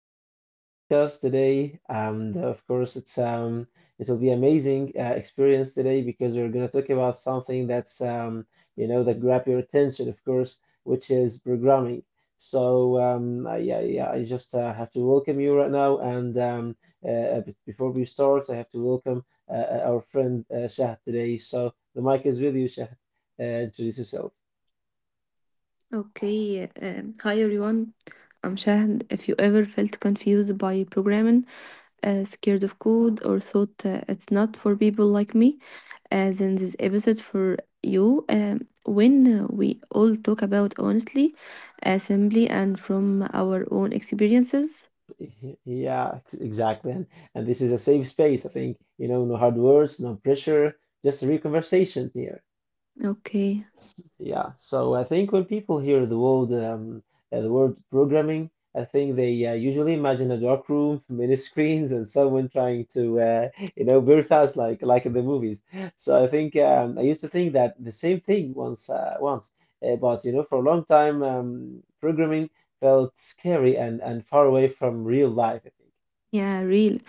Welcome to a new podcast today. And Of course, it will be amazing experience today because we're going to talk about something that's you know, that grab your attention, of course, which is programming. Yeah, yeah, I just have to welcome you right now. And But before we start, I have to welcome our friend Shahd today. So the mic is with you, Shahd. Introduce yourself. Okay, hi everyone. I'm Shahd. If you ever felt confused by programming, scared of code, or thought it's not for people like me, then this episode for you. When we all talk about honestly, assembly, and from our own experiences. Yeah, exactly. And this is a safe space, I think. You know, no hard words, no pressure, just real conversations here. Okay, Yeah. So I think when people hear the word programming, I think they usually imagine a dark room, many screens, and someone trying to you know very fast like in the movies. I used to think that the same thing once, but you know for a long time, programming felt scary and far away from real life, I think. yeah, real.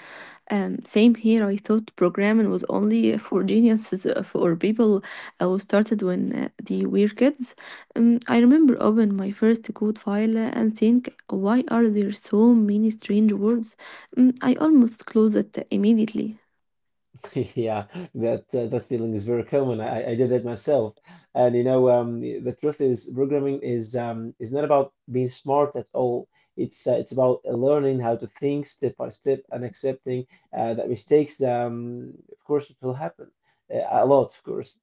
Same here. I thought programming was only for geniuses for people who started when they were kids. I remember open my first code file and think, why are there so many strange words? I almost closed it immediately. Yeah, that feeling is very common. I did that myself, and you know, the truth is, programming is not about being smart at all. It's about learning how to think step by step and accepting that mistakes, of course, it will happen a lot, of course.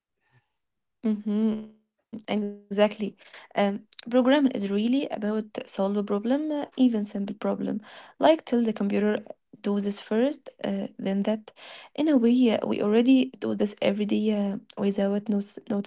Mm-hmm, exactly. Um, Programming is really about solve a problem, even simple problem. Like till the computer do this first, then that. In a way, we already do this every day without notice it.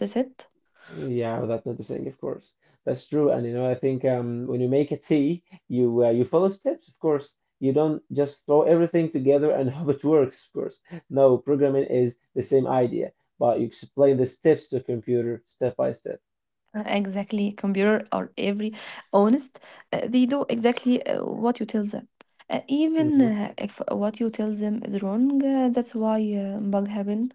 Yeah, without noticing, of course. That's true. And you know, I think when you make a tea, you follow steps, of course. You don't just throw everything together and hope it works, of course. No, programming is the same idea, but you explain the steps to a computer step by step. Exactly, computer or every honest, they do exactly what you tell them. Even Hmm. If what you tell them is wrong, that's why bug happen.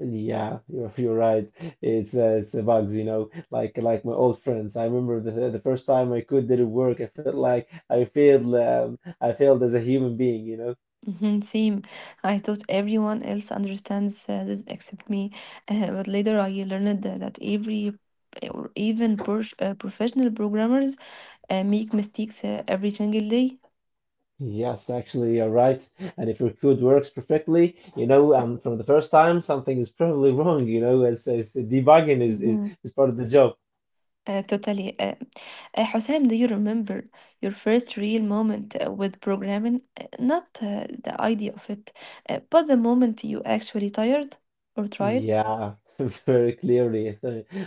Yeah, you're right. It's a bugs, you know, like my old friends. I remember the first time my code didn't work. I felt like I failed. I failed as a human being, you know. Mhm. Same. I thought everyone else understands this except me, but later I learned that every or even professional programmers make mistakes every single day. Yes, actually, you're right. And if your code works perfectly, you know, from the first time, something is probably wrong. You know, as debugging is Mhm. is part of the job. Totally. Hussein, do you remember your first real moment with programming? Not the idea of it, but the moment you actually tired or tried? Yeah, very clearly.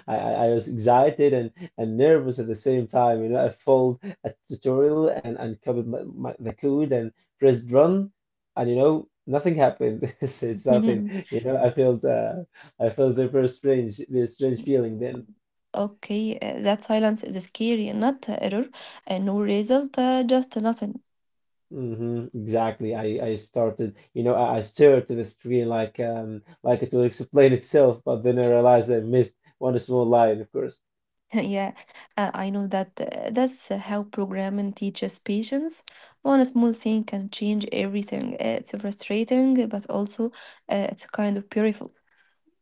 I I was excited and nervous at the same time. You know, I followed a tutorial and copied the code and pressed run, and you know, nothing happened. So it's something. You know, I felt a very strange feeling then. Okay, that silence is scary, not error, no result, just nothing. Hmm. Exactly. I started, you know, I stared to the screen like it will explain itself, but then I realized I missed one small line, of course. Yeah, I know that that's how programming teaches patience. One small thing can change everything. It's frustrating, but also it's kind of beautiful.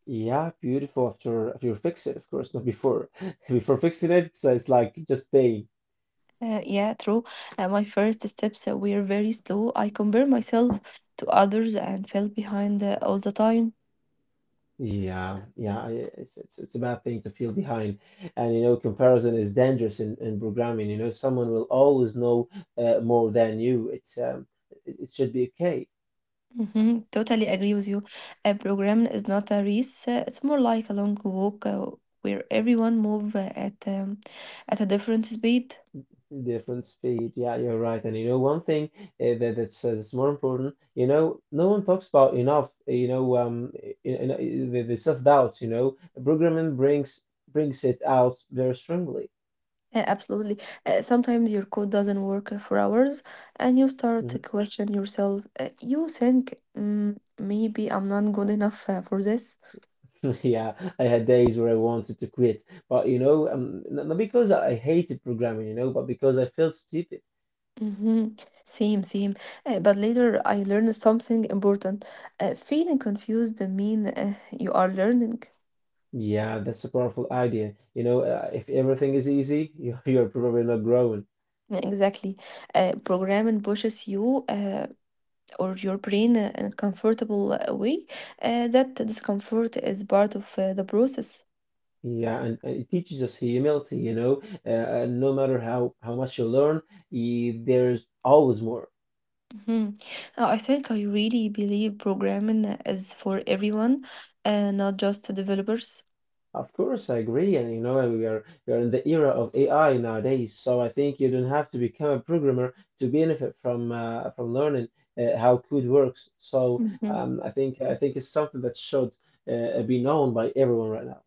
Yeah, beautiful after you fix it, of course, not before. Before fixing it, it's like just pain. Yeah, true. My first steps were very slow. I compare myself to others and fell behind all the time. Yeah, yeah, it's a bad thing to feel behind, and you know, comparison is dangerous in programming. You know, someone will always know more than you. It should be okay. Mhm. Totally agree with you. A program is not a race. It's more like a long walk where everyone move at a different speed. Different speed. Yeah, you're right. And you know, one thing that's more important, you know, no one talks about enough, the, self-doubt, you know, programming brings it out very strongly. Absolutely. Sometimes your code doesn't work for hours, and you start Mhm. to question yourself. You think maybe I'm not good enough for this. Yeah, I had days where I wanted to quit, but you know, not because I hated programming, you know, but because I felt stupid. Hmm. Same, same. But later I learned something important. Feeling confused mean you are learning. Yeah, that's a powerful idea. You know, if everything is easy, you- you're probably not growing. Exactly. A program and pushes you or your brain in a comfortable way. That discomfort is part of the process. Yeah, and it teaches us humility, you know. No matter how much you learn, there's always more. Mhm. I think I really believe programming is for everyone, not just the developers. Of course, I agree, and you know, we are in the era of AI nowadays, so I think you don't have to become a programmer to benefit from learning how code works. So Mhm. um, I think I think it's something that should be known by everyone right now.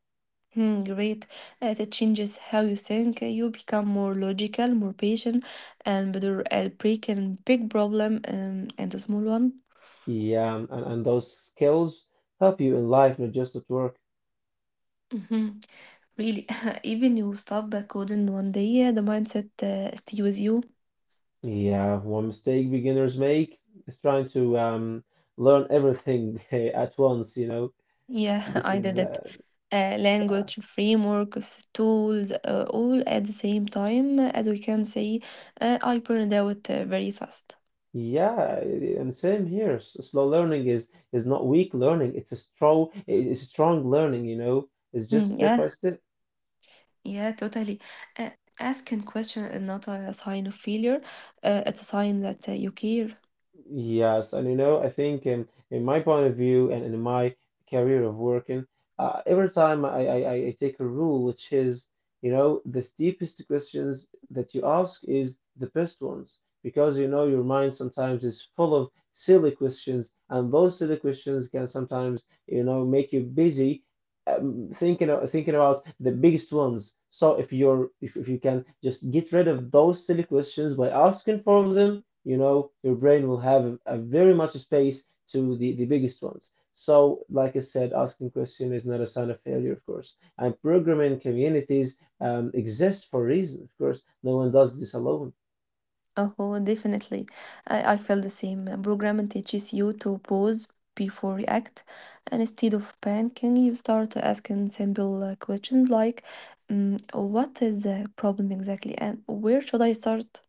Hmm, great. It changes how you think. You become more logical, more patient, and better at breaking big problem into small one. Yeah, and those skills help you in life, not just at work. Mhm. Really, even you stop coding one day, the mindset stay with you. Yeah, one mistake beginners make is trying to learn everything at once, you know. Yeah, This either is that language, frameworks, tools, all at the same time, as we can say, I burned out very fast. Yeah, yeah, and same here. Slow learning is not weak learning, it's a strong learning, you know. It's just Mm, step by yeah, step. yeah, totally. Uh, Asking question is not a sign of failure. It's a sign that you care. Yes, and you know, I think in my point of view and in my career of working, every time I take a rule, which is, you know, the steepest questions that you ask is the best ones, because you know your mind sometimes is full of silly questions, and those silly questions can sometimes, you know, make you busy thinking about the biggest ones. So if you can just get rid of those silly questions by asking for them, you know, your brain will have a very much space to the biggest ones. So, like I said, asking question is not a sign of failure, of course. And programming communities exist for a reason, of course. No one does this alone. Oh, definitely. I feel the same. Programming teaches you to pause before react. And instead of panicking, you start asking simple questions like, what is the problem exactly? And where should I start?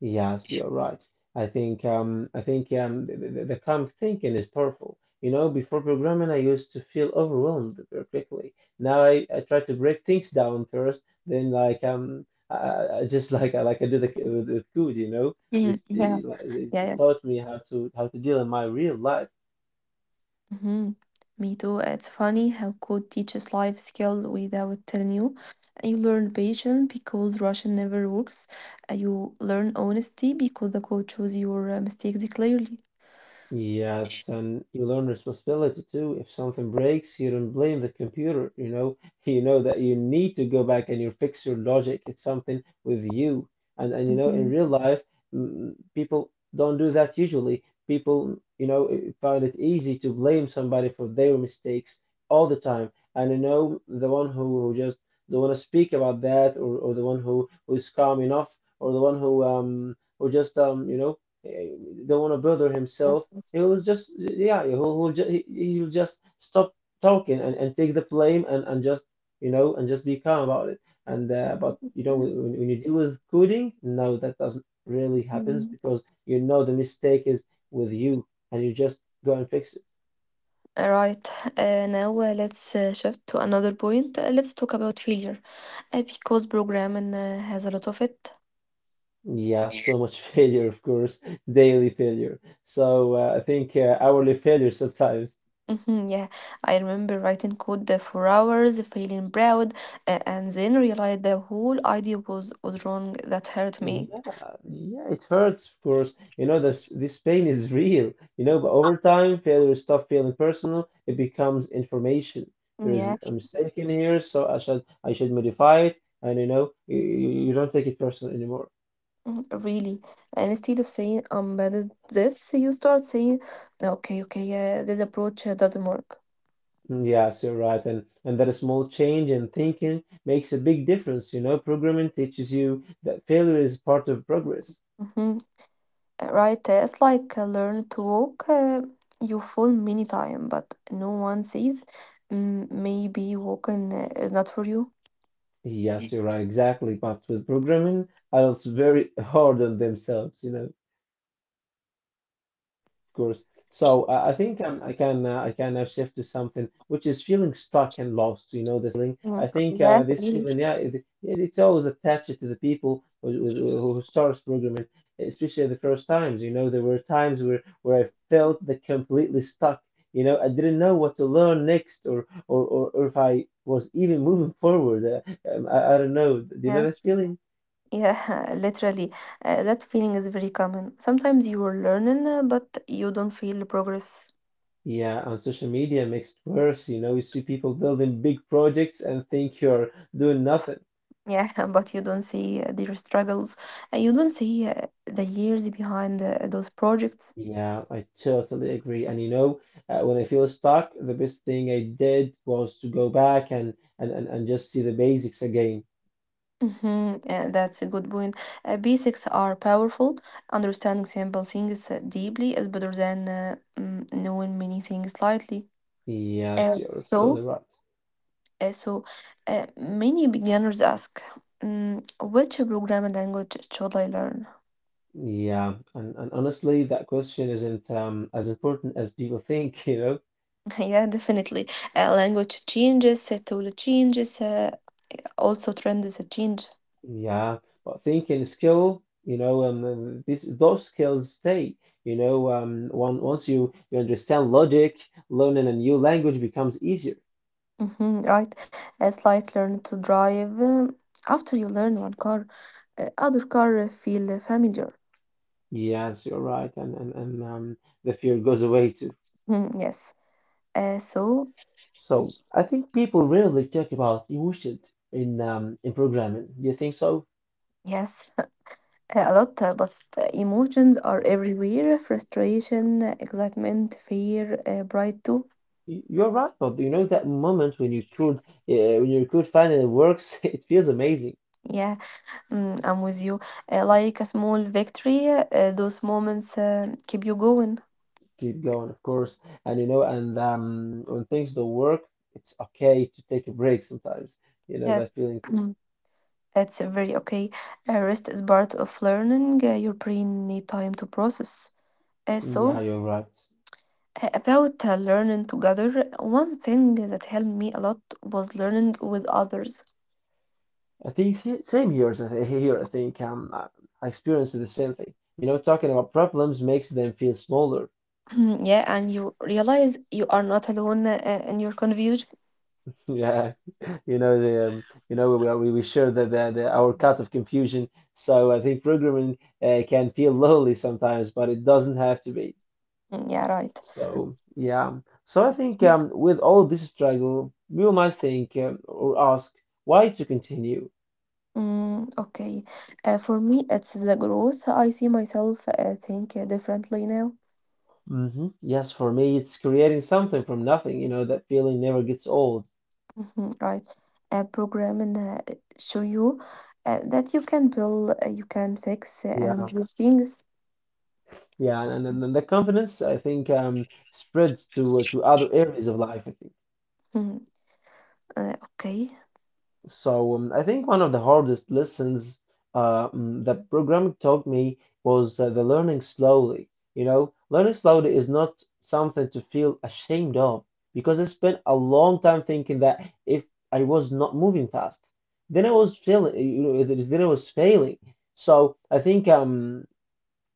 Yes, you're right. I think the calm thinking is powerful. You know, before programming, I used to feel overwhelmed very quickly. Now I try to break things down first, then like I just like I do the, with code. You know, Mhm. Yeah. Yeah. It Yes. taught me how to deal in my real life. Mm-hmm. Me too. It's funny how code teaches life skills without telling you. You learn patience because Russian never works. You learn honesty because the code shows your mistakes clearly. Yes, and you learn responsibility too. If something breaks, you don't blame the computer, you know. You know that you need to go back and you fix your logic. It's something with you. And you know, in real life, people don't do that usually. People, you know, find it easy to blame somebody for their mistakes all the time. And you know, the one who just don't want to speak about that, or the one who is calm enough, or the one who just you know, eh, don't want to bother himself, he was just yeah, he will just he'll just stop talking and take the blame and just you know and just be calm about it. And but you know when you deal with coding, no, that doesn't really happens Mm. because you know the mistake is with you and you just go and fix it. Right. Now let's shift to another point. Let's talk about failure, because programming has a lot of it. Yeah, so much failure, of course, daily failure. So I think hourly failure sometimes. Mhm, yeah, I remember writing code for hours, feeling proud, and then realized the whole idea was wrong. That hurt me. Yeah, yeah, it hurts, of course. You know, this pain is real. You know, but over time, failure stop feeling personal. It becomes information. There Yeah, is a mistake in here, so I should modify it. And you know, you don't take it personal anymore. Really. And instead of saying I'm bad at this, you start saying, okay, okay, this approach doesn't work. Mm, yes, you're right. And that a small change in thinking makes a big difference. You know, programming teaches you that failure is part of progress. Mm-hmm. Right? It's like learn to walk. You fall many time, but no one says maybe walking is not for you. Yes, you're right, exactly. But with programming, adults very hard on themselves. You know. Course. So I can now shift to something which is feeling stuck and lost. You know this feeling. I think Yeah, This really. feeling, yeah, it's always attached to the people who starts programming, especially the first times. You know, there were times where I felt that completely stuck. You know, I didn't know what to learn next, or or if I was even moving forward. I don't know. Do you know Yes. that feeling? Yeah, literally. That feeling is very common. Sometimes you are learning, but you don't feel progress. Yeah, on social media makes it worse. You know, you see people building big projects and think you're doing nothing. Yeah, but you don't see their struggles. You don't see the years behind those projects. Yeah, I totally agree. And you know, when I feel stuck, the best thing I did was to go back and and just see the basics again. hmm that's a good point. Basics are powerful. Understanding simple things deeply is better than knowing many things lightly. Uh, Yes, you're so absolutely right. Uh, so Many beginners ask, Which programming language should I learn?" Yeah, and honestly, that question isn't as important as people think. You know, Yeah, definitely. Language changes, tool changes, also trends change. yeah, but thinking skill, you know, this those skills stay. You know, one once you understand logic, learning a new language becomes easier. Mhm, right? It's like learn to drive. After you learn one car, other car feel familiar. Yes, you're right, and the fear goes away too. Mhm, yes. Uh, so, So I think people rarely talk about emotions in programming. Do you think so? yes, a lot, but emotions are everywhere frustration, excitement, fear, pride too. You're right, but you know that moment when your code finally works, it feels amazing. Yeah. I'm with you. Like a small victory, those moments keep you going. Keep going, of course. And when things don't work, it's okay to take a break sometimes. You know, Yes. that feeling. To, Mm. It's very okay. Rest is part of learning. Your brain need time to process. Uh, yeah, so you're right. About learning together, one thing that helped me a lot was learning with others. I think same here. Here, I think I experienced the same thing. You know, talking about problems makes them feel smaller. Yeah, and you realize you are not alone in your confusion. Yeah, you know we are, we share the our cut of confusion. So I think programming can feel lonely sometimes, but it doesn't have to be. Yeah, right. So yeah, so I think with all this struggle, we might think or ask why to continue. Okay. For me, it's the growth. I see myself think differently now. Yes, for me, it's creating something from nothing. You know, that feeling never gets old. Right. A program and show you that you can build, you can fix and Yeah, improve things. yeah, and the confidence I think spreads to other areas of life, I think. Mhm. Okay. So I think one of the hardest lessons that programming taught me was the learning slowly. You know, learning slowly is not something to feel ashamed of, because I spent a long time thinking that if I was not moving fast, then I was failing. You know, then I was failing. So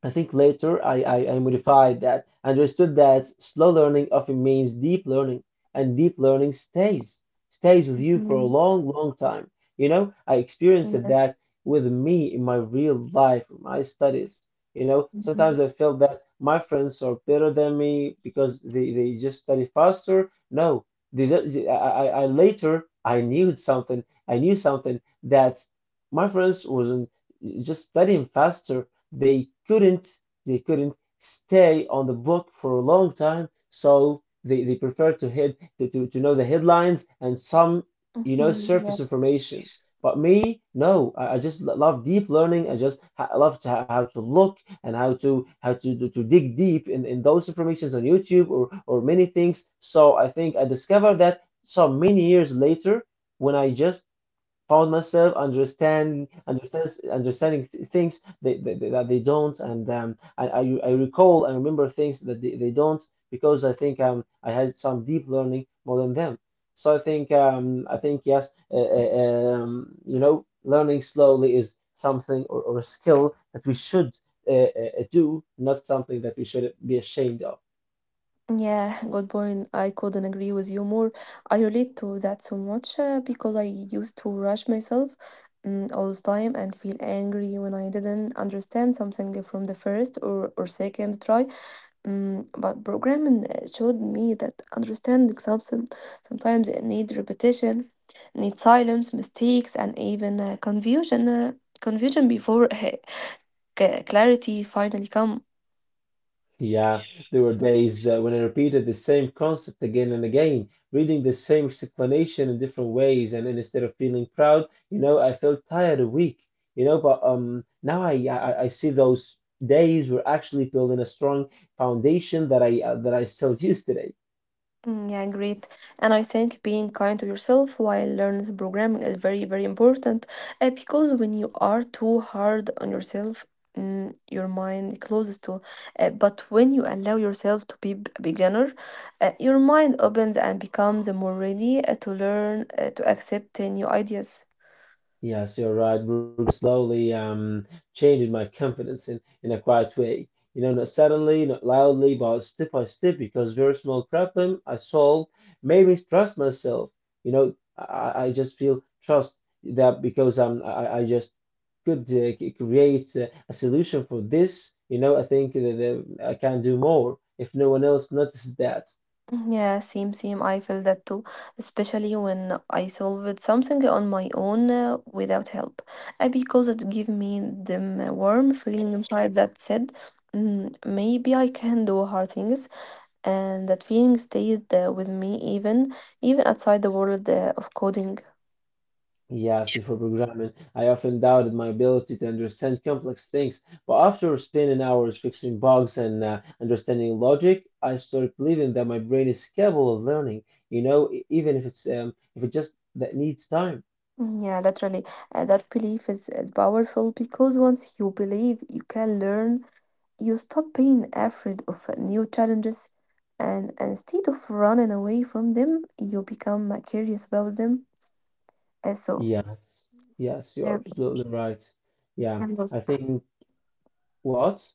I think later I modified that, understood that slow learning often means deep learning, and deep learning stays, stays with you for a Mhm. long, long time. You know, I experienced that Yes. with me in my real life, in my studies. You know, Mm-hmm. sometimes I feel that my friends are better than me because they just study faster. No, they, don't- I later I knew something. I knew something, that my friends wasn't just studying faster. They couldn't, they couldn't stay on the book for a long time, so they prefer to head to know the headlines and some, you know, Mm-hmm, surface yes. information. But me, no, I just love deep learning. I love to, how to look and how to dig deep in those informations on YouTube or many things. So I think I discovered that some many years later, when I just found myself understanding things they, that they don't. And I recall and remember things that they don't, because I think I had some deep learning more than them. So I think yes, you know, learning slowly is something or a skill that we should, uh, do, not something that we should be ashamed of. Yeah, good point. I couldn't agree with you more. I relate to that so much because I used to rush myself all the time and feel angry when I didn't understand something from the first or second try. But programming showed me that understanding something sometimes it needs repetition, needs silence, mistakes, and even confusion. Confusion before clarity finally comes. Yeah, there were days when I repeated the same concept again and again, reading the same explanation in different ways, and instead of feeling proud, you know, I felt tired and weak, you know. But now I see those days were actually building a strong foundation that I still use today. Yeah, great. And I think being kind to yourself while learning programming is very, very important because when you are too hard on yourself, your mind closes to. But when you allow yourself to be a beginner, your mind opens and becomes more ready to learn, to accept new ideas. Yes, you're right, Bruno. Slowly, changing my confidence in a quiet way. You know, not suddenly, not loudly, but step by step, because very small problem I solved made me trust myself. You know, I just feel trust that, because I just could create a solution for this. You know, I think that, that I can do more if no one else notices that. Mhm, yeah, same, same. I feel that too, especially when I solved something on my own without help, because it gave me the warm feeling inside that said, Maybe I can do hard things," and that feeling stayed with me even outside the world of coding. Yes, before programming, I often doubted my ability to understand complex things, but after spending hours fixing bugs and understanding logic, I started believing that my brain is capable of learning, you know, even if it's if it just that needs time. Yeah, literally, that belief is powerful because once you believe, you can learn. You stop being afraid of new challenges, and instead of running away from them, you become curious about them. And so, Yes, yes, you're yeah, absolutely right. Yeah, and I lost. think, what?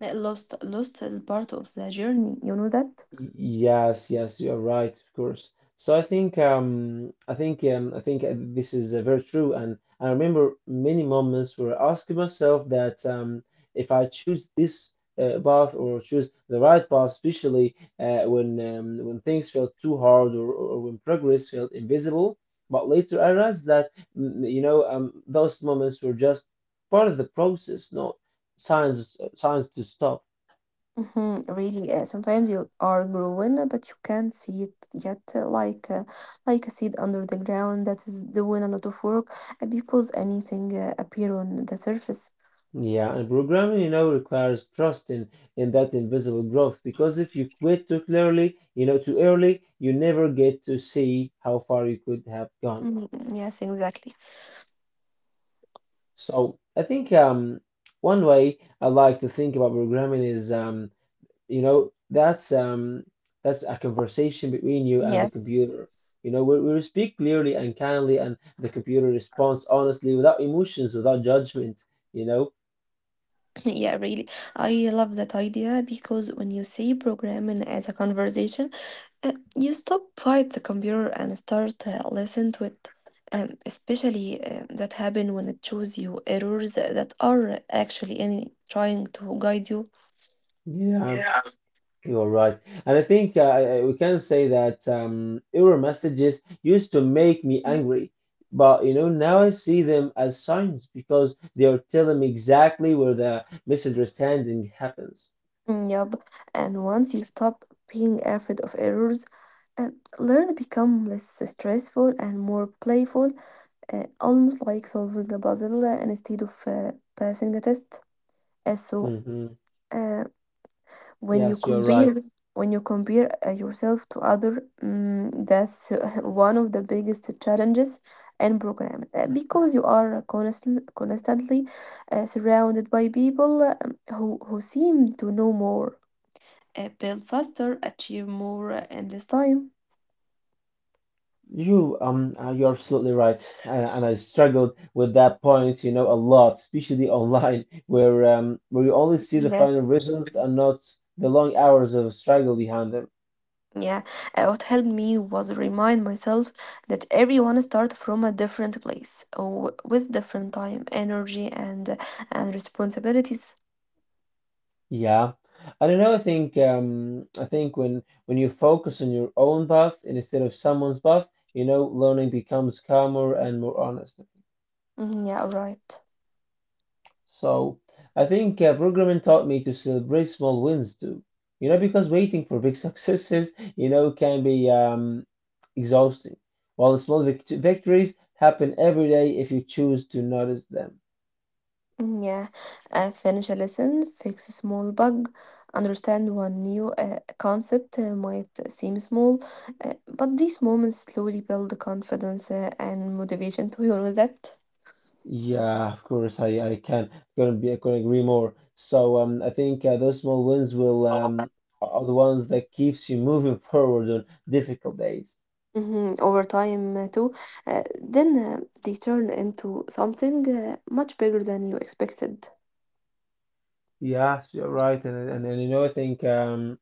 Lost is part of the journey. You know that. Y- Yes, yes, you are right, of course. So I think I think this is very true, and I remember many moments where I asked myself that, um, if I choose this path or choose the right path, especially when things felt too hard, or when progress felt invisible. But later I realized that, mm, you know, um, those moments were just part of the process, not signs to stop. Mhm, really, sometimes you are growing, but you can't see it yet, like a seed under the ground that is doing a lot of work because anything appear on the surface. Yeah, and programming, you know, requires trust in that invisible growth, because if you quit too clearly, you know, too early, you never get to see how far you could have gone. Mm, yes, exactly. So I think one way I like to think about programming is you know, that's a conversation between you and the Yes. computer. You know, we speak clearly and kindly, and the computer responds honestly, without emotions, without judgment. You know, Yeah, really. I love that idea because when you see programming as a conversation, you stop fight the computer and start listen to it. Especially that happen when it shows you errors that are actually in trying to guide you. yeah. Yeah. You're right. And I think we can say that, error messages used to make me angry, but you know, now I see them as signs, because they are telling me exactly where the misunderstanding happens. Yep. And once you stop being afraid of errors, uh, learn become less stressful and more playful, almost like solving a puzzle instead of passing a test. Uh, so, hmm uh, when you Yes, you're compare right. Yourself to other that's one of the biggest challenges in programming. Because you are constantly surrounded by people who seem to know more build faster achieve more in less time. You you're absolutely right. And I struggled with that point, you know, a lot, especially online, where you only see the final Yes. results and not the long hours of struggle behind them. Yeah, what helped me was remind myself that everyone starts from a different place, with different time, energy, and responsibilities. Yeah. I don't know. I think when you focus on your own path and instead of someone's path, you know, learning becomes calmer and more honest. Mhm, yeah, right. So I think programming taught me to celebrate small wins too. You know, because waiting for big successes, you know, can be exhausting. While the small victories happen every day if you choose to notice them. Mhm, yeah, finish a lesson, fix a small bug, understand one new concept might seem small, but these moments slowly build confidence and motivation to you know that. Yeah, of course, I can couldn't be I couldn't agree more. So I think those small wins will are the ones that keeps you moving forward on difficult days. Over time, too, then they turn into something much bigger than you expected. Yeah, you're right, and and you know I think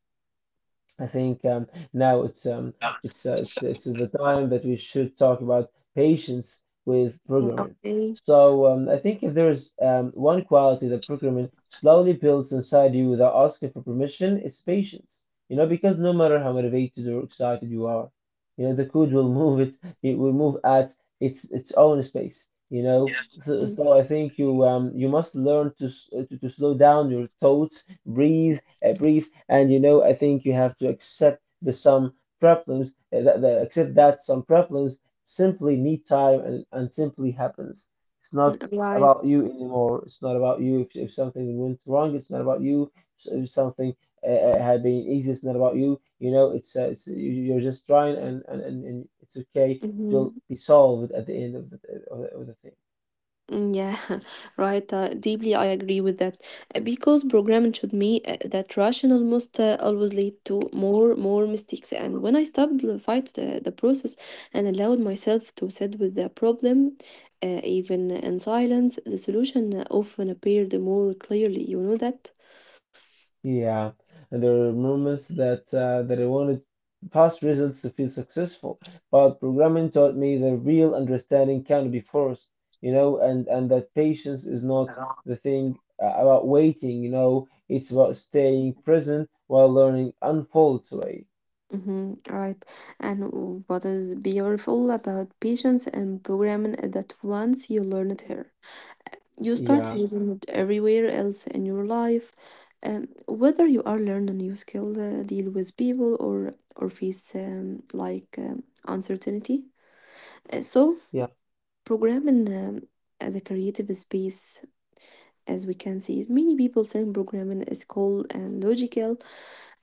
I think um, now it's the time that we should talk about patience with programming. Okay. So I think if there is one quality that programming slowly builds inside you without asking for permission, it's patience. You know, because no matter how motivated or excited you are, you know the code will move it. It will move at its own space. You know, so, Mm, so I think you you must learn to, to slow down your thoughts, breathe breathe. And you know, I think you have to accept that some problems simply need time and simply happens. It's not mm, right. about you anymore. It's not about you. If something went wrong, it's not about you. So if something, had been easy, it's not about you. You know, it's you, you're just trying, and it's okay. It will hmm be solved at the end of the of the, of the thing. Mm, yeah, right. Deeply, I agree with that. Because programming showed me that rushing almost always lead to more mistakes. And when I stopped to fight the process and allowed myself to sit with the problem, even in silence, the solution often appeared more clearly. You know that? Yeah, and there are moments that that I wanted fast results to feel successful, but programming taught me that real understanding can not be forced, you know, and that patience is not the thing about waiting, you know, it's about staying present while learning unfolds away. Mm-hmm, right. And what is beautiful about patience and programming is that once you learn it here. You start Yeah, using it everywhere else in your life, whether you are learn a new skill, deal with people, or face like uncertainty. Uh, so yeah. Programming as a creative space, as we can see, it, many people think programming is cold and logical.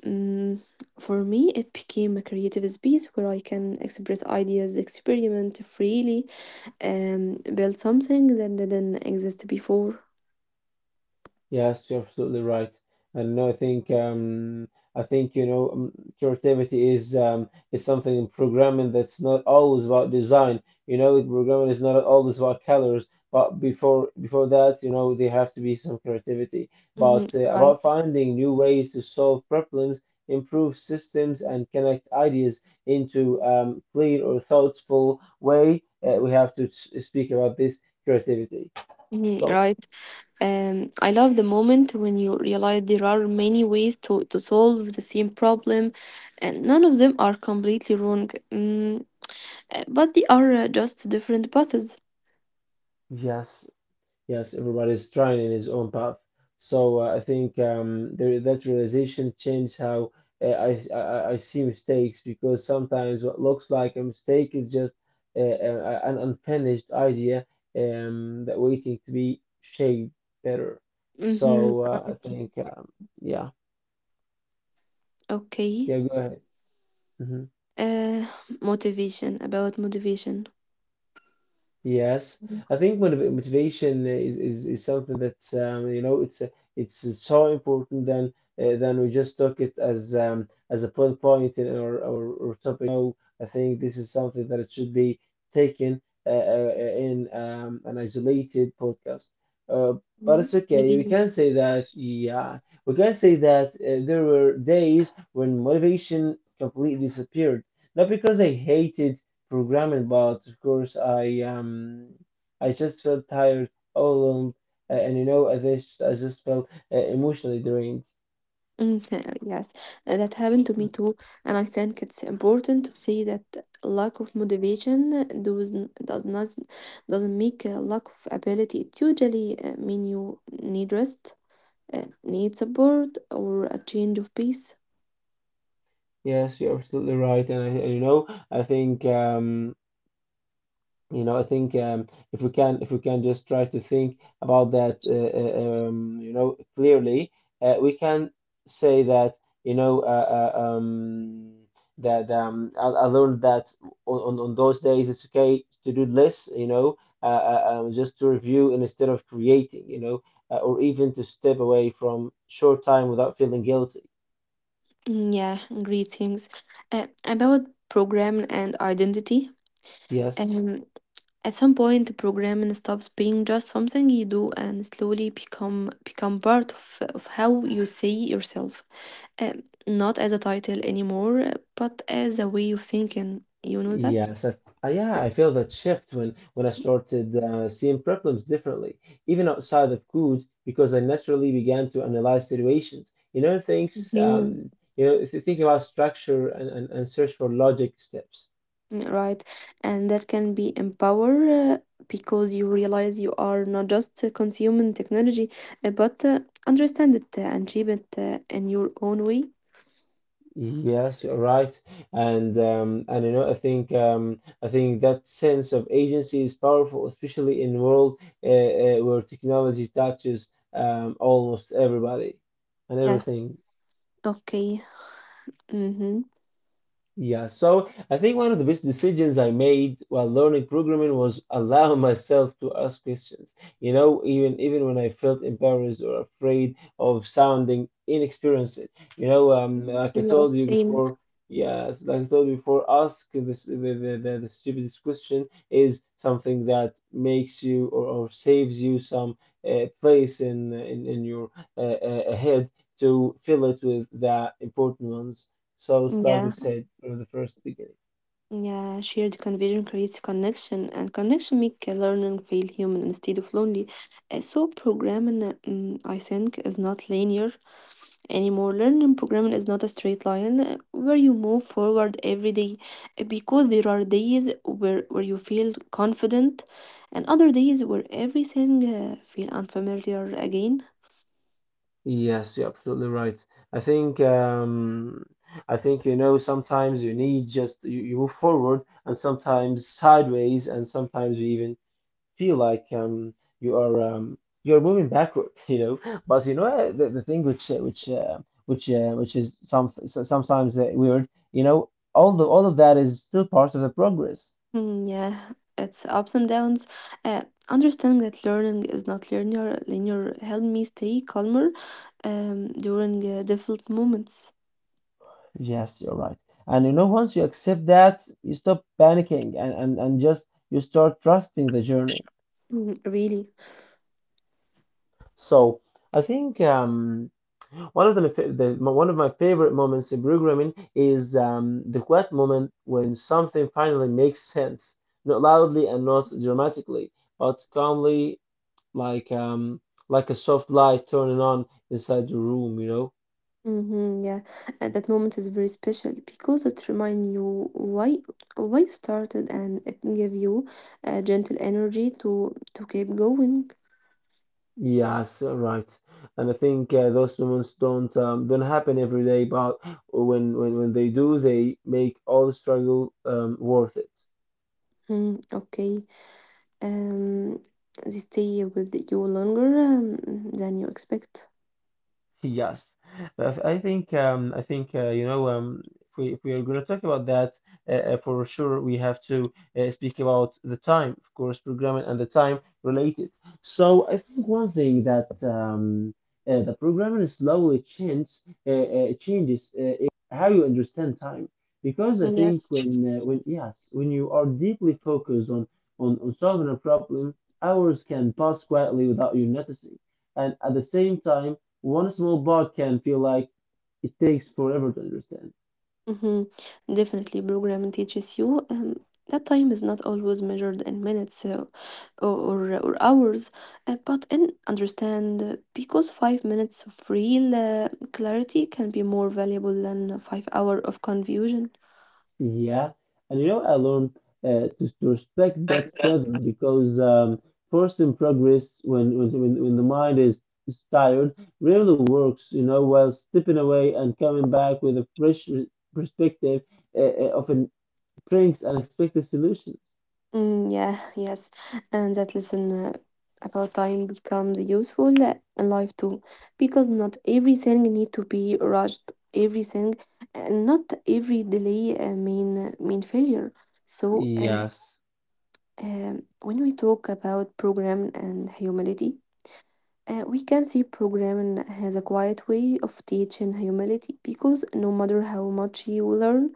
Mm, for me, it became a creative space where I can express ideas, experiment freely, and build something that didn't exist before. Yes, you're absolutely right. And no, I think I think you know um, creativity is something in programming that's not always about design. You know, with programming is not always about colors, but before that, you know, there have to be some creativity. But Mhm, right. about finding new ways to solve problems, improve systems, and connect ideas into clear or thoughtful way, we have to speak about this creativity. Mhm, So right. I love the moment when you realize there are many ways to solve the same problem, and none of them are completely wrong, but they are just different paths. yes, yes, everybody's trying in his own path. So I think that realization changed how I see mistakes, because sometimes what looks like a mistake is just an unfinished idea that waiting to be shaped better. So Mm-hmm. I Right. think yeah, Okay. yeah, go ahead. Mm-hmm. Uh, Motivation, about motivation. Yes, Mhm. I think motivation is, is something that you know it's a- it's so important than we just took it as a bullet point in our, our topic. No, I think this is something that it should be taken in an isolated podcast. Uh, but Mhm. it's okay. We Maybe. can say that. Yeah, we can say that there were days when motivation completely disappeared. Not because I hated programmed, but of course I just felt tired, overwhelmed, and you know, I just felt emotionally drained. Mhm, yes, that happened to me too, and I think it's important to say that lack of motivation doesn't make a lack of ability. It usually mean you need rest, need support, or a change of pace. Yes, you're absolutely right, and and you know, I think. You know, I think if we can just try to think about that, you know, clearly, we can say that, you know, uh, um, that I learned that on those days it's okay to do less, you know, just to review and instead of creating, you know, or even to step away from short time without feeling guilty. Yeah, greetings. About program and identity. Yes. Um, at some point, programming stops being just something you do and slowly become part of how you see yourself. Not as a title anymore, but as a way of thinking. You know that? Yes, I feel that shift when I started seeing problems differently, even outside of food, because I naturally began to analyze situations. You know, things. Mhm. You know, if you think about structure and search for logic steps. Right. And that can be empower because you realize you are not just consuming technology, but understand it and shape it in your own way. Yes, you're right. And you know, I think that sense of agency is powerful, especially in world where technology touches almost everybody and Yes. everything. Okay. Mm-hmm. Yeah, so I think one of the best decisions I made while learning programming was allow myself to ask questions. You know, even when I felt embarrassed or afraid of sounding inexperienced. Like I Yes, told you same. before, yes, like I told you before, ask this the stupidest question is something that makes you or saves you some place in your uh, head to fill it with the important ones, so it's like we Yeah. said from the first beginning. Yeah, shared conviction creates connection, and connection make learning feel human instead of lonely. So programming, I think, is not linear anymore. Learning programming is not a straight line where you move forward every day, because there are days where you feel confident and other days where everything feel unfamiliar again. Yes, you're absolutely right. I think um, I think you know sometimes you need just you move forward and sometimes sideways, and sometimes you even feel like you are you're moving backward, you know. But you know the thing which which is sometimes weird, you know, all the all of that is still part of the progress. Yeah, it's ups and downs. Uh, Understanding that learning is not linear helped me stay calmer during difficult moments. Yes, you're right. And you know, once you accept that, you stop panicking and, just you start trusting the journey. Really. So I think one of the, one of my favorite moments in programming is the quiet moment when something finally makes sense, not loudly and not dramatically, but calmly, like um, like a soft light turning on inside the room, you know. Mhm, yeah, and that moment is very special because it reminds you why you started, and it give you a gentle energy to keep going. Yes, right. And I think those moments don't happen every day, but when they do, they make all the struggle worth it. Okay, um, they stay with you longer than you expect. Yes. I think you know, if we are going to talk about that, for sure we have to speak about the time of course programming and the time related. So I think one thing that the programming slowly changes is how you understand time, because I think when Yes. when you are deeply focused on on solving a problem, hours can pass quietly without you noticing, and at the same time one small bug can feel like it takes forever to understand. Mhm. Definitely, programming teaches you that time is not always measured in minutes or hours, but in understand because 5 minutes of real clarity can be more valuable than 5 hours of confusion. Yeah, and you know, I learned to respect that rhythm because force in progress, when the mind is tired, rarely works, you know, while stepping away and coming back with a fresh perspective often brings unexpected solutions. Yeah, yes, and that lesson about time becomes useful in life too, because not everything need to be rushed. Everything, not every delay mean failure. So, Yes. When we talk about program and humility, we can see programming has a quiet way of teaching humility because no matter how much you learn,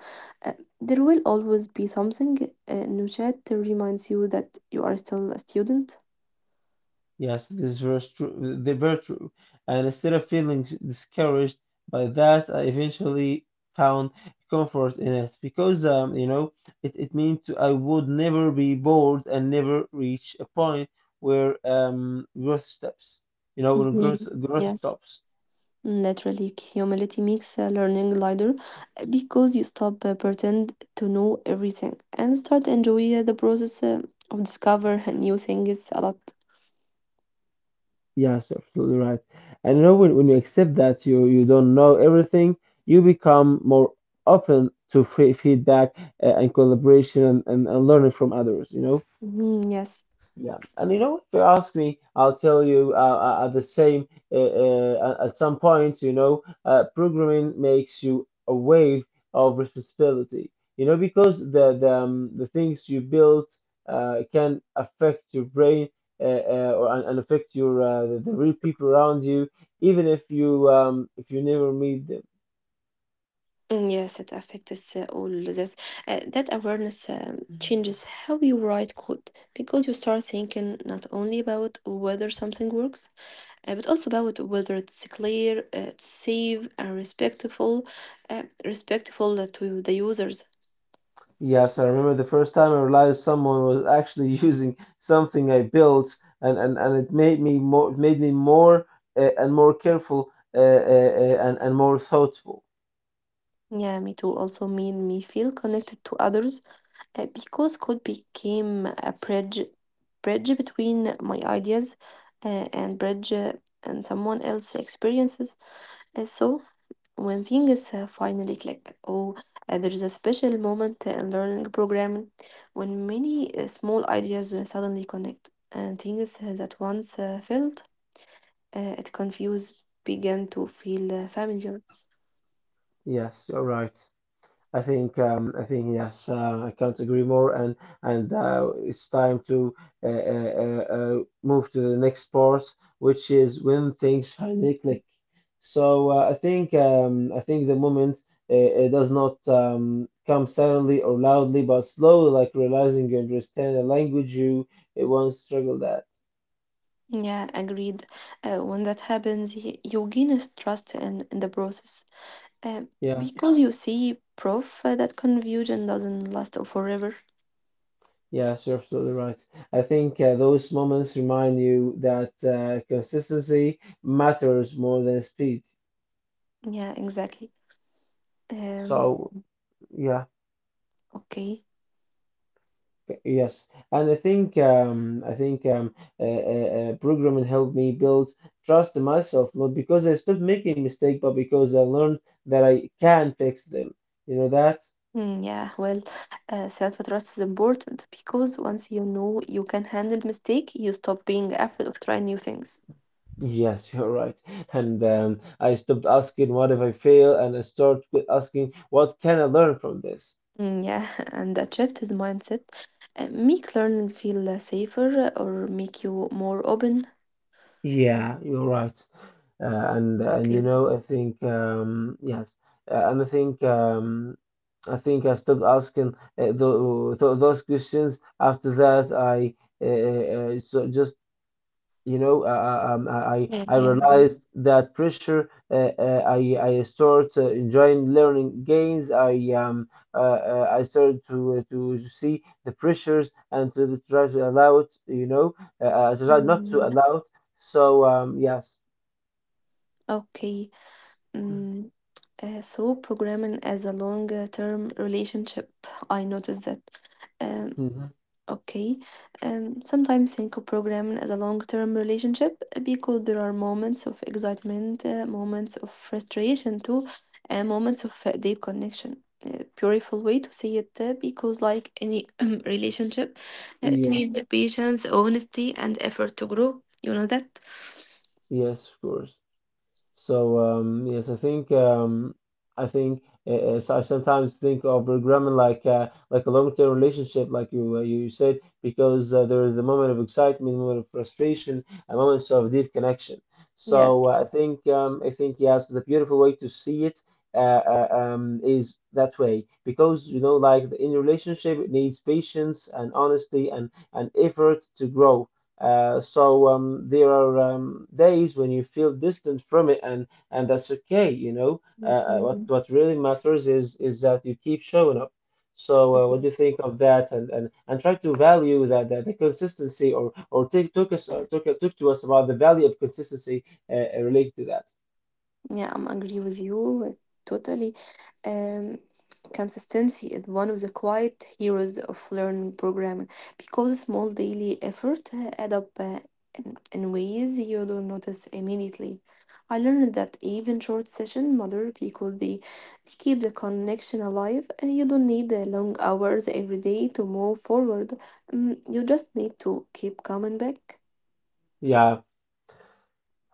uh, there will always be something new chat to reminds you that you are still a student. Yes, this was true. They were true. And instead of feeling discouraged by that, I eventually found comfort in it because, you know, it meant to, I would never be bored and never reach a point where growth stops. You know, when growth Mhm. growth Yes, stops. literally, humility makes learning lighter because you stop pretend to know everything and start enjoy the process of discover new things a lot. Yes, you're absolutely right. And you know, when you accept that you don't know everything, you become more open to free feedback and collaboration, and learning from others, you know. Mhm, yes. Yeah, and you know, if you ask me, I'll tell you the same. At at some point, you know, programming makes you a wave of responsibility. You know, because the things you build can affect your brain and, affect your the real people around you, even if you never meet them. Yes, it affects all this. That awareness changes how you write code because you start thinking not only about whether something works, but also about whether it's clear, it's safe, and respectful to the users. Yes, I remember the first time I realized someone was actually using something I built, and it made me more and more careful and more thoughtful. Yeah, me too. Also made me feel connected to others because code became a bridge between my ideas uh, and bridge uh, and someone else's experiences. Uh, so when things finally click oh, there is a special moment in learning programming when many small ideas suddenly connect and things that once felt it confused began to feel familiar. Yes, you're right. I think yes, I can't agree more. And it's time to uh, uh, move to the next part, which is when things finally click. So I think the moment uh, it does not come suddenly or loudly, but slowly, like realizing you understand a language you it once struggled at. Yeah, agreed. When that happens, you gain is trust in the process. Um, Yeah, because you see proof that confusion doesn't last forever. yeah, sure, absolutely right. I think those moments remind you that consistency matters more than speed. Yeah, exactly. Um, So yeah, okay. yes, and I think programming helped me build trust in myself, not because I stopped making mistakes, but because I learned that I can fix them. You know that? Yeah, well, self-trust is important because once you know you can handle mistake, you stop being afraid of trying new things. Yes, you're right. And I stopped asking what if I fail, and I started with asking what can I learn from this? Mm, yeah, and that shift is mindset. Make learning feel safer or make you more open. Yeah, you're right. And you Okay. know, I think yes, and I think. I think I stopped asking those questions after that. I So just, you know, Yeah, I yeah. well, realized that pressure. I start enjoying learning gains. I started to see the pressures and to try to allow it. You know, to try not to Mm, yeah, allow it. So um, yes. Okay. Mm, so programming as a long-term relationship, I noticed that. Um, Mhm. Okay. Sometimes think of programming as a long-term relationship because there are moments of excitement, moments of frustration too, and moments of deep connection. A beautiful way to see it because, like any relationship, it Yeah, needs patience, honesty, and effort to grow. You know that? yes, of course. So yes, I think so I sometimes think of Grumman like a long-term relationship, like you said, because there is a moment of excitement, a moment of frustration, a moment of deep connection. Yes. So I think yes, the beautiful way to see it. Is that way, because you know like in a relationship it needs patience and honesty and effort to grow. There are days when you feel distant from it, and that's okay. You know, Mm, what really matters is that you keep showing up. So what mm, do you think of that? And and try to value that, that the consistency, or take, took us or took talk to us about the value of consistency related to that. Yeah, I'm agree with you totally. Um, consistency is one of the quiet heroes of learning programming because small daily effort add up in, ways you don't notice immediately. I learned that even short session matter because they keep the connection alive. You don't need long hours every day to move forward. You just need to keep coming back. Yeah,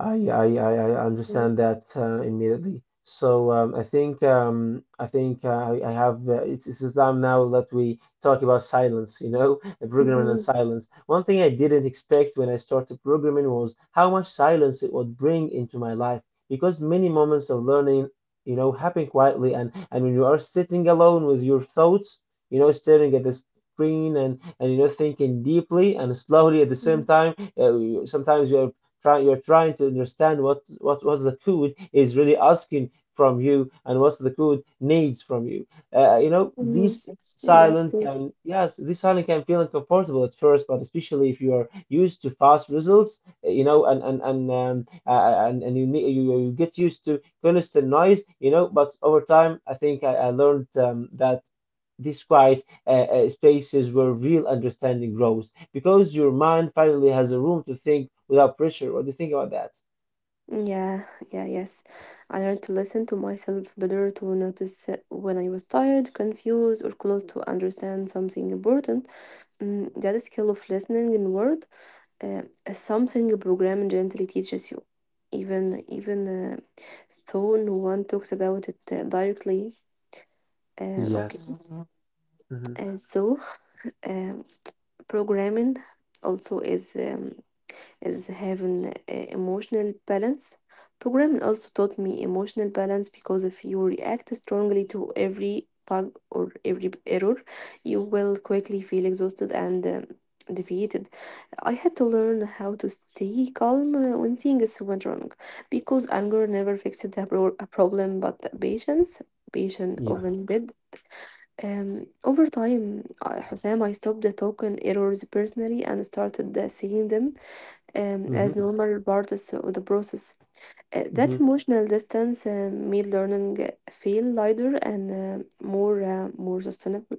I understand that immediately. So I think I have it's the time now that we talk about silence, you know, programming and Mm-hmm. silence. One thing I didn't expect when I started programming was how much silence it would bring into my life, because many moments of learning, you know, happen quietly, and when you are sitting alone with your thoughts, you know, staring at the screen and you know thinking deeply and slowly at the same Mm-hmm. time. Sometimes you are you're trying to understand what what the code is really asking from you and what the code needs from you. You know, this Yes. silent can yes, this silent can feel uncomfortable at first, but especially if you are used to fast results, you know, and you, you you get used to constant noise, you know. But over time, I learned that this quiet spaces where real understanding grows, because your mind finally has a room to think without pressure. What do you think about that? Yeah, yeah, yes. I learned to listen to myself better, to notice when I was tired, confused, or close to understand something important. Mm, that skill of listening in word is something programming gently teaches you. Even uh, though no one talks about it directly. Okay, Yes. Mhm. and so um, programming also is having a emotional balance. Programming also taught me emotional balance because if you react strongly to every bug or every error, you will quickly feel exhausted and defeated. I had to learn how to stay calm when things went wrong because anger never fixed the a problem, but patience Yeah. often did. Over time, I, Hussam, I stopped talking errors personally and started seeing them as hmm normal parts of the process. Hmm That emotional distance made learning feel lighter and more sustainable.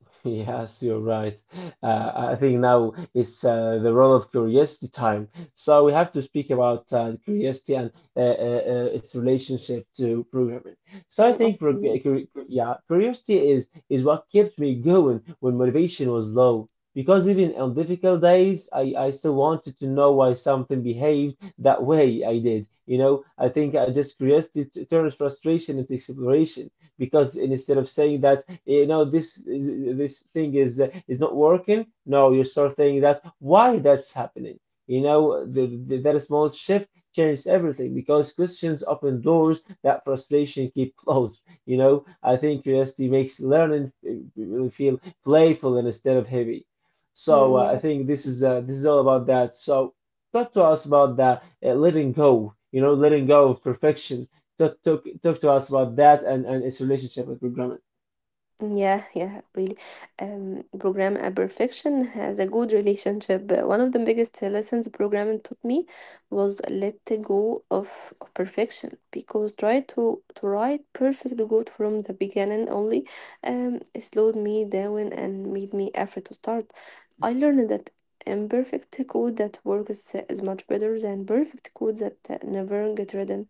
Yes, you're right. I think now it's the role of curiosity time. So we have to speak about curiosity and its relationship to programming. So I Mm, think, okay. Yeah, curiosity is what kept me going when motivation was low. Because even on difficult days, I still wanted to know why something behaved that way I did. You know, I think I just curiosity turns frustration into exploration, because instead of saying that you know this thing is not working, no, you start saying that why that's happening. You know, that small shift changed everything, because questions open doors that frustration keep closed. You know, I think curiosity makes learning feel playful instead of heavy. So Mm, I think yes. This is all about that. So talk to us about the letting go. You know, letting go of perfection, talk to us about that and its relationship with programming. Yeah, yeah, really. Program perfection has a good relationship. One of the biggest lessons program taught me was let go of perfection because try to write perfect good from the beginning only um slowed me down and made me effort to start. I learned that imperfect code that works is much better than perfect code that never get written.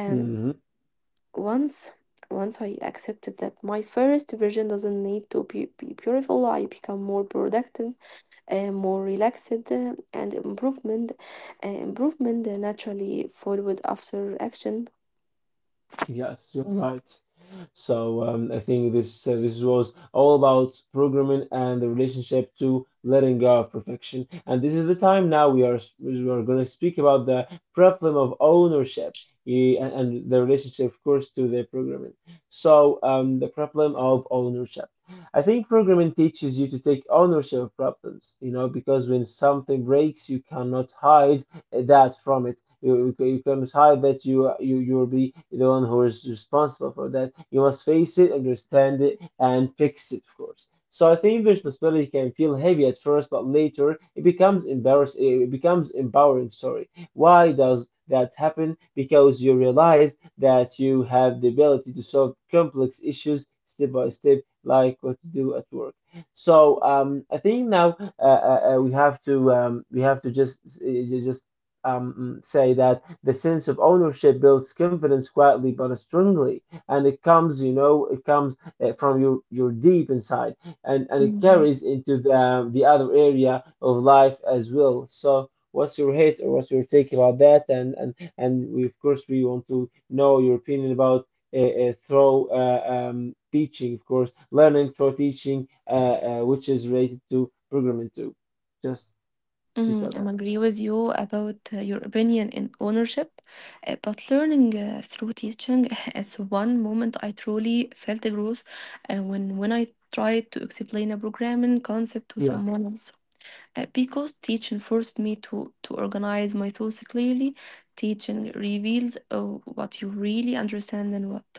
Um, Hmm. once once I accepted that my first version doesn't need to be beautiful, I become more productive and more relaxed, and improvement naturally followed after action. Yes, you're right. So I think this this was all about programming and the relationship to letting go of perfection. And this is the time now we are going to speak about the problem of ownership, eh, and the relationship, of course, to the programming. So the problem of ownership. I think programming teaches you to take ownership of problems, you know, because when something breaks, you cannot hide that from it. You cannot hide that you will be the one who is responsible for that. You must face it, understand it, and fix it, of course. So I think the responsibility can feel heavy at first, but later it becomes empowering. Sorry. Why does that happen? Because you realize that you have the ability to solve complex issues step by step, like what to do at work. I think now we have to just just say that the sense of ownership builds confidence quietly but strongly, and it comes, you know, it comes from your deep inside, and it Mm, carries yes. into the other area of life as well. So, what's your hate or what's your take about that? And we, of course, we want to know your opinion about through teaching, of course, learning through teaching, which is related to programming too. Just speak about Mm, I'm that. agree with you about your opinion in ownership, but learning through teaching is one moment I truly felt the growth when I tried to explain a programming concept to Yeah, someone else. Because teaching forced me to organize my thoughts clearly. Teaching reveals what you really understand and what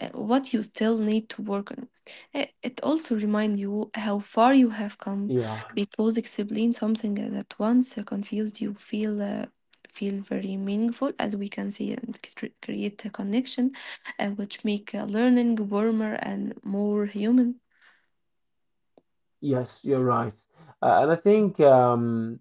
uh, what you still need to work on. It also reminds you how far you have come yeah. because explaining something that once confused you feel very meaningful as we can see and create a connection which make learning warmer and more human. Yes, you're right. And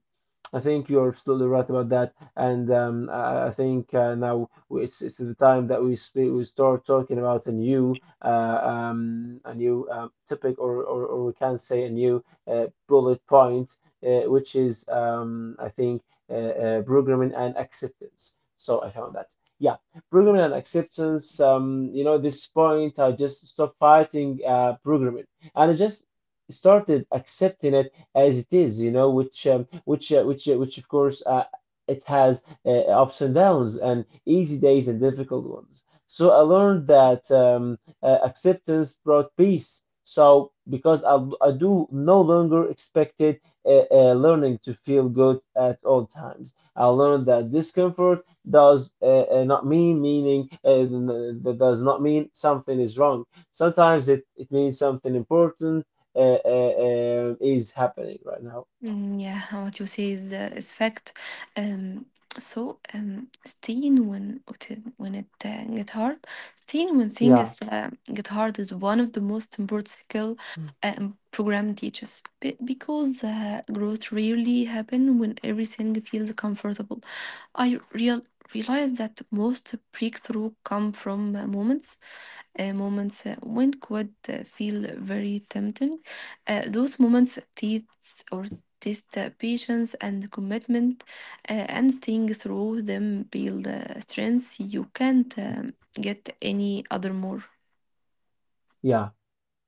I think you're absolutely right about that, and I think now it's the time that we start talking about a new topic, or we can say a new bullet point, which is I think programming and acceptance. So I found that. Yeah, programming and acceptance. You know, this point I just stopped fighting programming, and I just started accepting it as it is, you know, which which, of course, it has ups and downs and easy days and difficult ones. So I learned that acceptance brought peace. So because I do no longer expected learning to feel good at all times. I learned that discomfort does not mean meaning n- that does not mean something is wrong. Sometimes it means something important is happening right now. Mm, yeah, what you say is fact. Um, so staying when it get hard, staying when Yeah, things get hard is one of the most important skill program teaches because growth rarely happen when everything feels comfortable. I real realized that most breakthrough come from moments when could feel very tempting. Those moments teach or test patience and commitment, and staying through them build strengths you can't get any other more. yeah.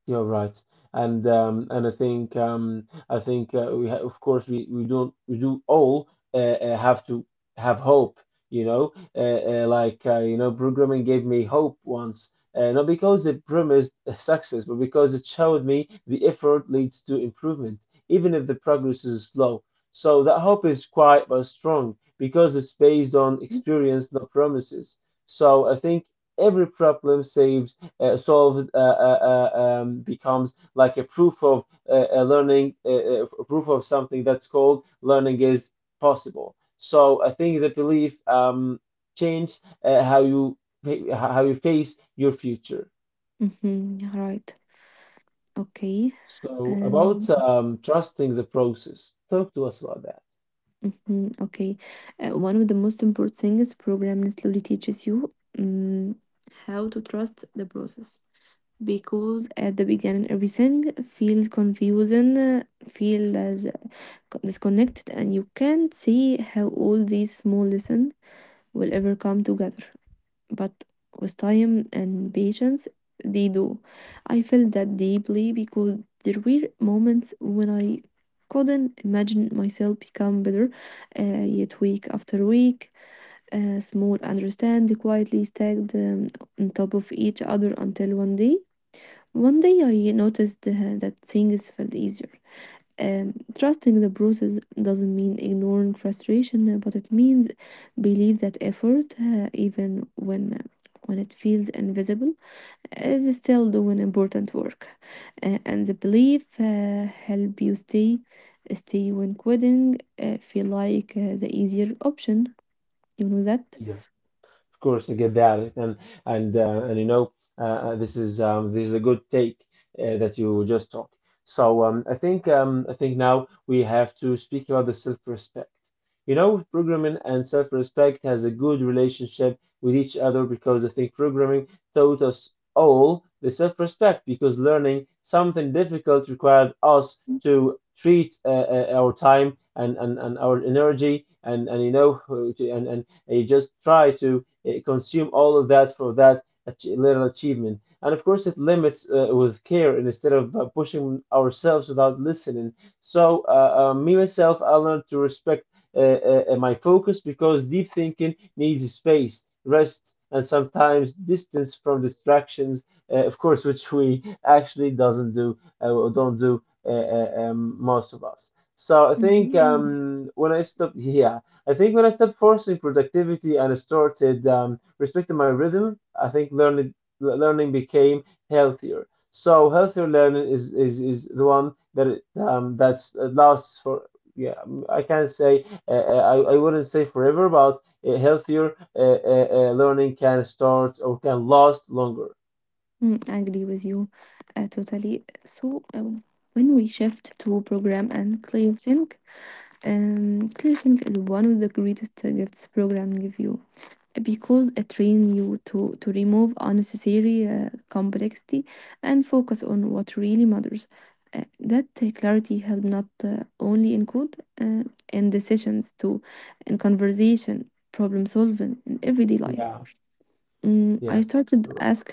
You're right, and and I think we ha of course we don't we do all have to have hope, you know, you know, programming gave me hope once, not because it promised success, but because it showed me the effort leads to improvement, even if the progress is slow. So that hope is quiet but strong because it's based on experience, not promises. So I think every problem saves solved becomes like a proof of proof of something that's called learning is possible. So I think the belief changed how you face your future. Mhm, right. Okay. So about Um, trusting the process, talk to us about that. mhm, okay. One of the most important things program slowly teaches you mm how to trust the process. Because at the beginning everything feels confusing, feel as disconnected, and you can't see how all these small lessons will ever come together. But with time and patience, they do. I felt that deeply because there were moments when I couldn't imagine myself become better, uh, yet week after week, small understand quietly stacked on top of each other until one day I noticed that things felt easier. Um, trusting the process doesn't mean ignoring frustration, but it means believe that effort, uh, even when it feels invisible, is still doing important work. And the belief help you stay stay when quitting feel like the easier option. You know that. Yeah. Of course, I get that, and and you know, uh, this is a good take that you just talk. So I think now we have to speak about the self-respect. You know, programming and self-respect has a good relationship with each other because I think programming taught us all the self-respect because learning something difficult required us to treat our time and our energy and you know and you just try to consume all of that for that little achievement. And of course, it limits with care and instead of pushing ourselves without listening. So, me myself, I learned to respect my focus because deep thinking needs space, rest, and sometimes distance from distractions. Of course, which we actually doesn't do or don't do most of us. So I think Mhm. When I stopped, yeah. I think when I stopped forcing productivity and started respecting my rhythm, I think learning, learning became healthier. So healthier learning is the one that it, that's lasts for, yeah. Mm, I can't say I wouldn't say forever, but healthier learning can start or can last longer. Mm, I agree with you totally. So, when we shift to program and ClearThink, ClearThink is one of the greatest gifts program give you because it trains you to remove unnecessary complexity and focus on what really matters. Uh, that clarity help not only in code, uh, in decisions too, in conversation, problem solving, in everyday life. Yeah. Mm, I Yes. started ask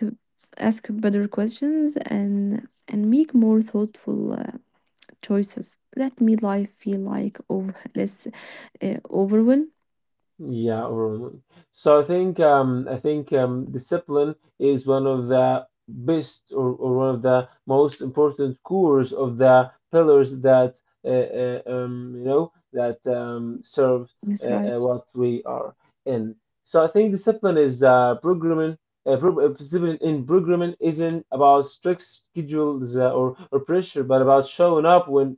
ask better questions and make more thoughtful choices that made life feel like over less overwhelmed. Yeah, overall. So I think discipline is one of the best, or one of the most important cores of the pillars that you know that serve That's right. what we are in. So I think discipline is programming. Discipline in programming isn't about strict schedules or pressure, but about showing up when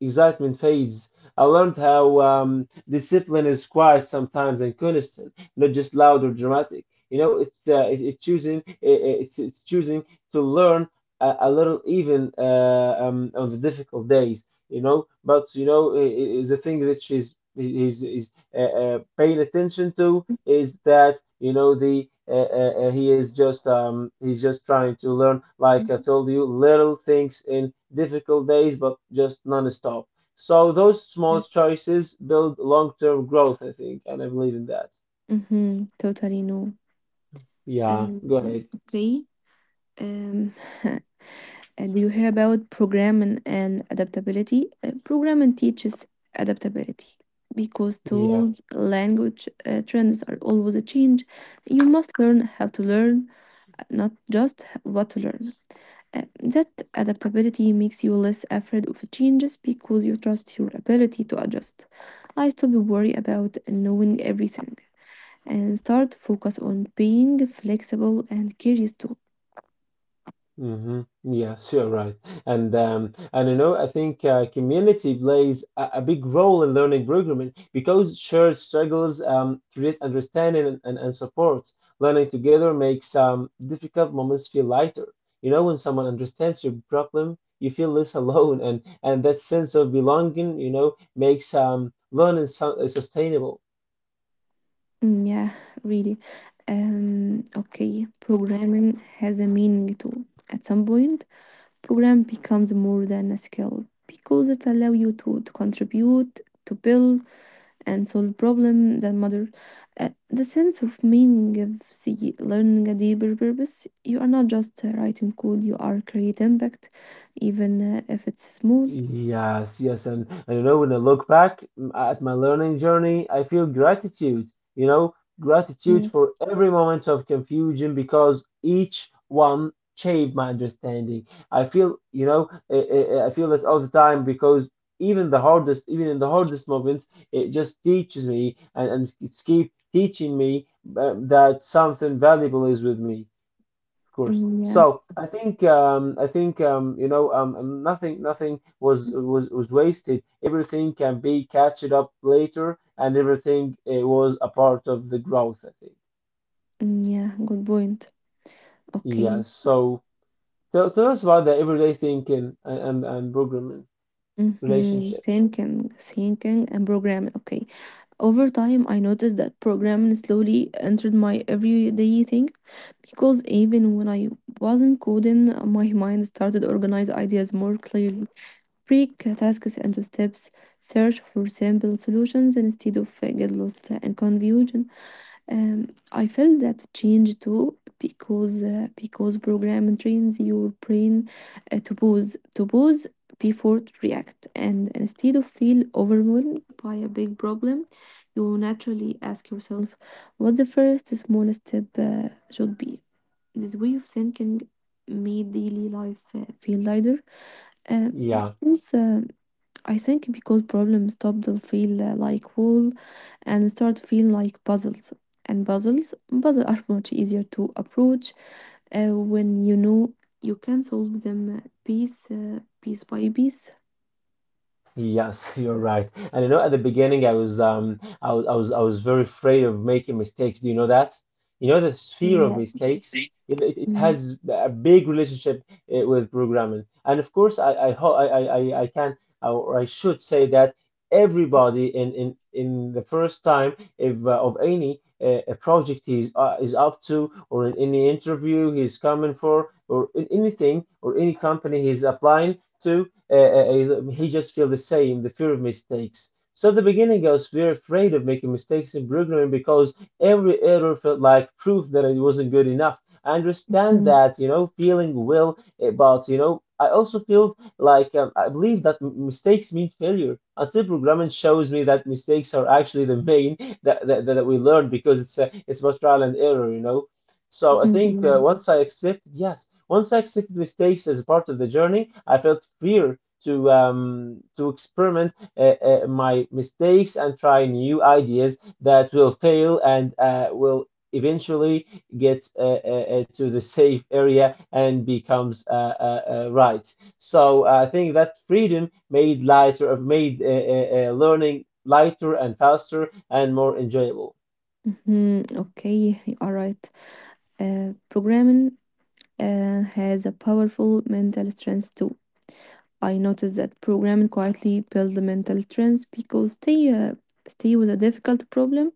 excitement fades. I learned how discipline is quiet sometimes and constant, not just loud or dramatic. You know, it's choosing, it's choosing to learn a little, even on the difficult days. You know, but you know is a thing that is paying attention to is that you know the he is just he's just trying to learn, like I Mhm. told you, little things in difficult days, but just non-stop, so those small Yes. choices build long-term growth, I think, and I believe in that. Mm-hmm. Totally no. Yeah, Um, go ahead. okay. Um, do you hear about programming and adaptability? Programming teaches adaptability because tools, language, trends are always a change. You must learn how to learn, not just what to learn. That adaptability makes you less afraid of changes because you trust your ability to adjust. I stop worrying about knowing everything and start focus on being flexible and curious too. Hmm. Yes, you're right. And and you know, I think community plays a big role in learning programming because shared struggles create understanding and support. Learning together makes difficult moments feel lighter. You know, when someone understands your problem, you feel less alone, and that sense of belonging, you know, makes learning sustainable. Mm, yeah, really. Okay, programming has a meaning too. At some point, program becomes more than a skill because it allows you to contribute, to build, and solve problems that matter. The sense of meaning gives the learning a deeper purpose. You are not just writing code; you are creating impact, even if it's small. Yes, yes, and you know, when I look back at my learning journey, I feel gratitude, you know, gratitude Yes. for every moment of confusion because each one shaped my understanding. I feel, you know, I feel that all the time because even the hardest, even in the hardest moments, it just teaches me, and it's keep teaching me that something valuable is with me. Of course. Mm, yeah. So I think you know, nothing was wasted. Everything can be catched up later, and everything was a part of the growth, I think. Mm, yeah. Good point. Yeah. Okay. So tell, tell us about the everyday thinking and and programming Mhm, relationship. Thinking, thinking, and programming. Okay. Over time, I noticed that programming slowly entered my everyday thing because even when I wasn't coding, my mind started organize ideas more clearly. Break tasks into steps, search for simple solutions instead of get lost and confusion. I felt that change too because program trains your brain to pause before to react and instead of feel overwhelmed by a big problem, you naturally ask yourself what the first small step should be. This way of thinking made daily life feel lighter uh, Yeah. because uh, I think because problems stop to feel like wall and start to feel like puzzles. And puzzles are much easier to approach when you know you can solve them piece by piece. Yes, you're right. And you know, at the beginning, I was very afraid of making mistakes. Do you know that? You know, the fear of Yes. mistakes, it Mhm. has a big relationship with programming. And of course, I ho I can, or I should say that, everybody in the first time if of any a project he's is up to, or in any interview he's coming for, or in anything or any company he's applying to, he just feel the same, the fear of mistakes. So at the beginning, I was very afraid of making mistakes in programming because every error felt like proof that it wasn't good enough. I understand Mhm. that, you know, feeling will, but you know, I also feel like I believe that mistakes mean failure until programming shows me that mistakes are actually the main that we learn because it's about trial and error, you know. So I Mhm. think Yeah. Once I accepted, yes, once I accepted mistakes as a part of the journey, I felt fear to experiment my mistakes and try new ideas that will fail and will eventually get to the safe area and becomes right. So I think that freedom made lighter, made learning lighter and faster and more enjoyable. Mhm. Okay, you are right. Programming has a powerful mental strength too. I noticed that programming quietly builds mental trends because they stay with a difficult problem,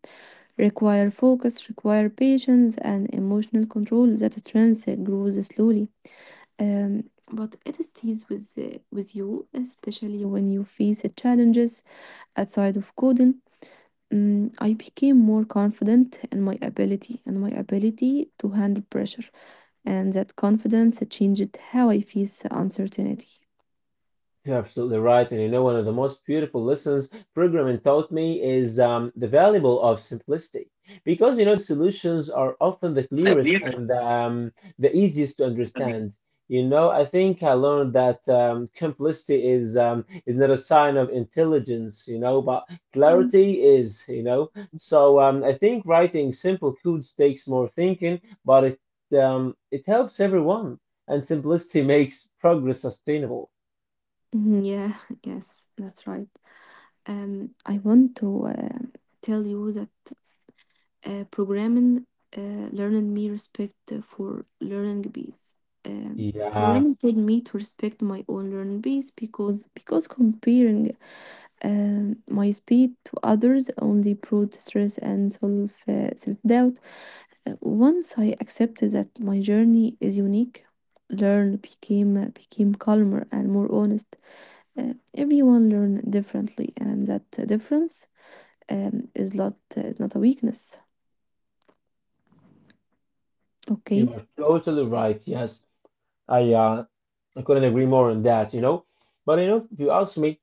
require focus, require patience, and emotional control. That trends grows slowly, um, but it stays with you, especially when you face challenges outside of coding. Mm, I became more confident in my ability to handle pressure, and that confidence changed how I face uncertainty. You're absolutely right. And you know, one of the most beautiful lessons programming taught me is the valuable of simplicity. Because, you know, solutions are often the The clearest nearest and the easiest to hundred. understand. You know, I think I learned that complicity is not a sign of intelligence, you know, but Mm. clarity is, you know. So I think writing simple codes takes more thinking, but it it helps everyone, and simplicity makes progress sustainable. Mhm, yeah, yes, that's right. I want to tell you that programming uh, learned me respect for learning bees. Um, Yeah, programming taught me to respect my own learning bees because comparing my speed to others only brought stress and self doubt. Once I accepted that my journey is unique, learn became became calmer and more honest. Everyone learn differently, and that difference um, is not a weakness. Okay. you are totally right. Yes, I uh, I couldn't agree more on that, you know. But you know, if you ask me,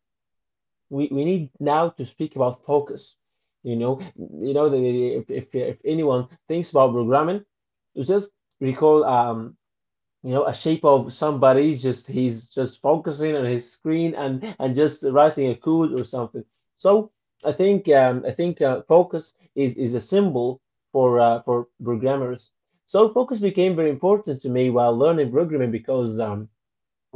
we need now to speak about focus. You know, the, if, if anyone thinks about programming, just recall, you know, a shape of somebody's just he's just focusing on his screen and just writing a code or something. So I think focus is a symbol for programmers. So focus became very important to me while learning programming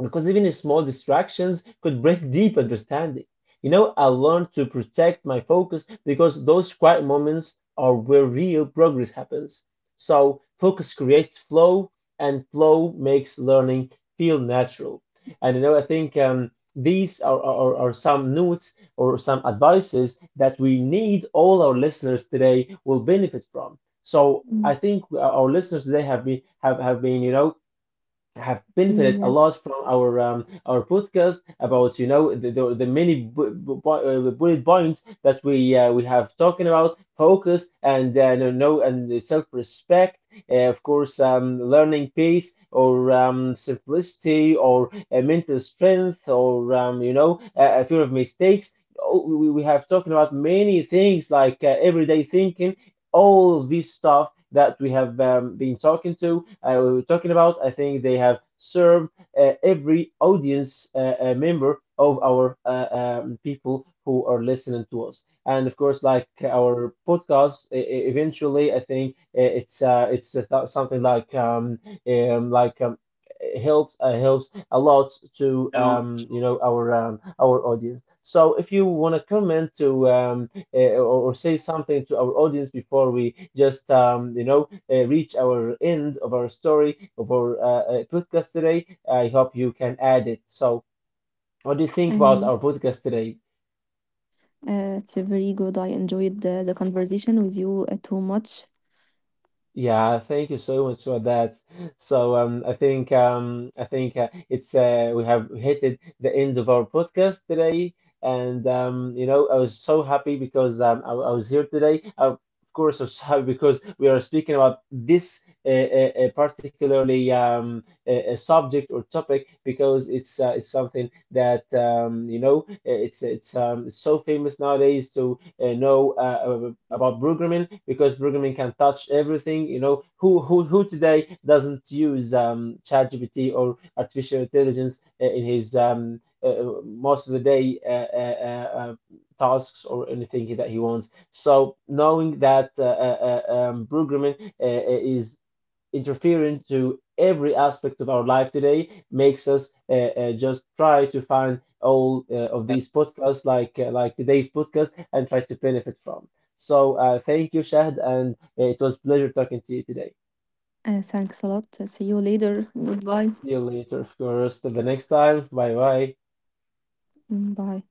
because even small distractions could break deep understanding. You know, I learned to protect my focus because those quiet moments are where real progress happens. So, focus creates flow, and flow makes learning feel natural. And you know, I think these are some notes or some advices that we need, all our listeners today will benefit from. So, Mm, I think our listeners today have been, you know, have benefited a lot Yes. from our podcast about, you know, the many bullet points that we have talking about: focus and and self respect of course learning pace or simplicity, or mental strength, or you know, a fear of mistakes. Oh, we have talking about many things like everyday thinking, all this stuff that we have been talking to, we were talking about. I think they have served every audience member of our people who are listening to us. And of course, like our podcast, eventually, I think it's a something like um, like um, it helps helps a lot to So you know, our audience. So if you want to comment to or say something to our audience before we just you know, reach our end of our story of our podcast today, I hope you can add it. So what do you think And about our podcast today? It's a very good. I enjoyed the conversation with you too much. Yeah, thank you so much for that. So I think it's we have hit it, the end of our podcast today, and you know, I was so happy because I was here today. Of course, I was happy because we are speaking about this particularly a, subject or topic because it's something that you know, it's so famous nowadays to know about programming because programming can touch everything. You know, who today doesn't use ChatGPT or artificial intelligence in his most of the day tasks or anything that he wants. So knowing that programming is interfere into every aspect of our life today makes us just try to find all of these podcasts like today's podcast and try to benefit from. So thank you, Shahd, and it was a pleasure talking to you today. Thanks a lot. See you later. Goodbye. See you later, of course, till the next time. Bye bye. Mm, bye.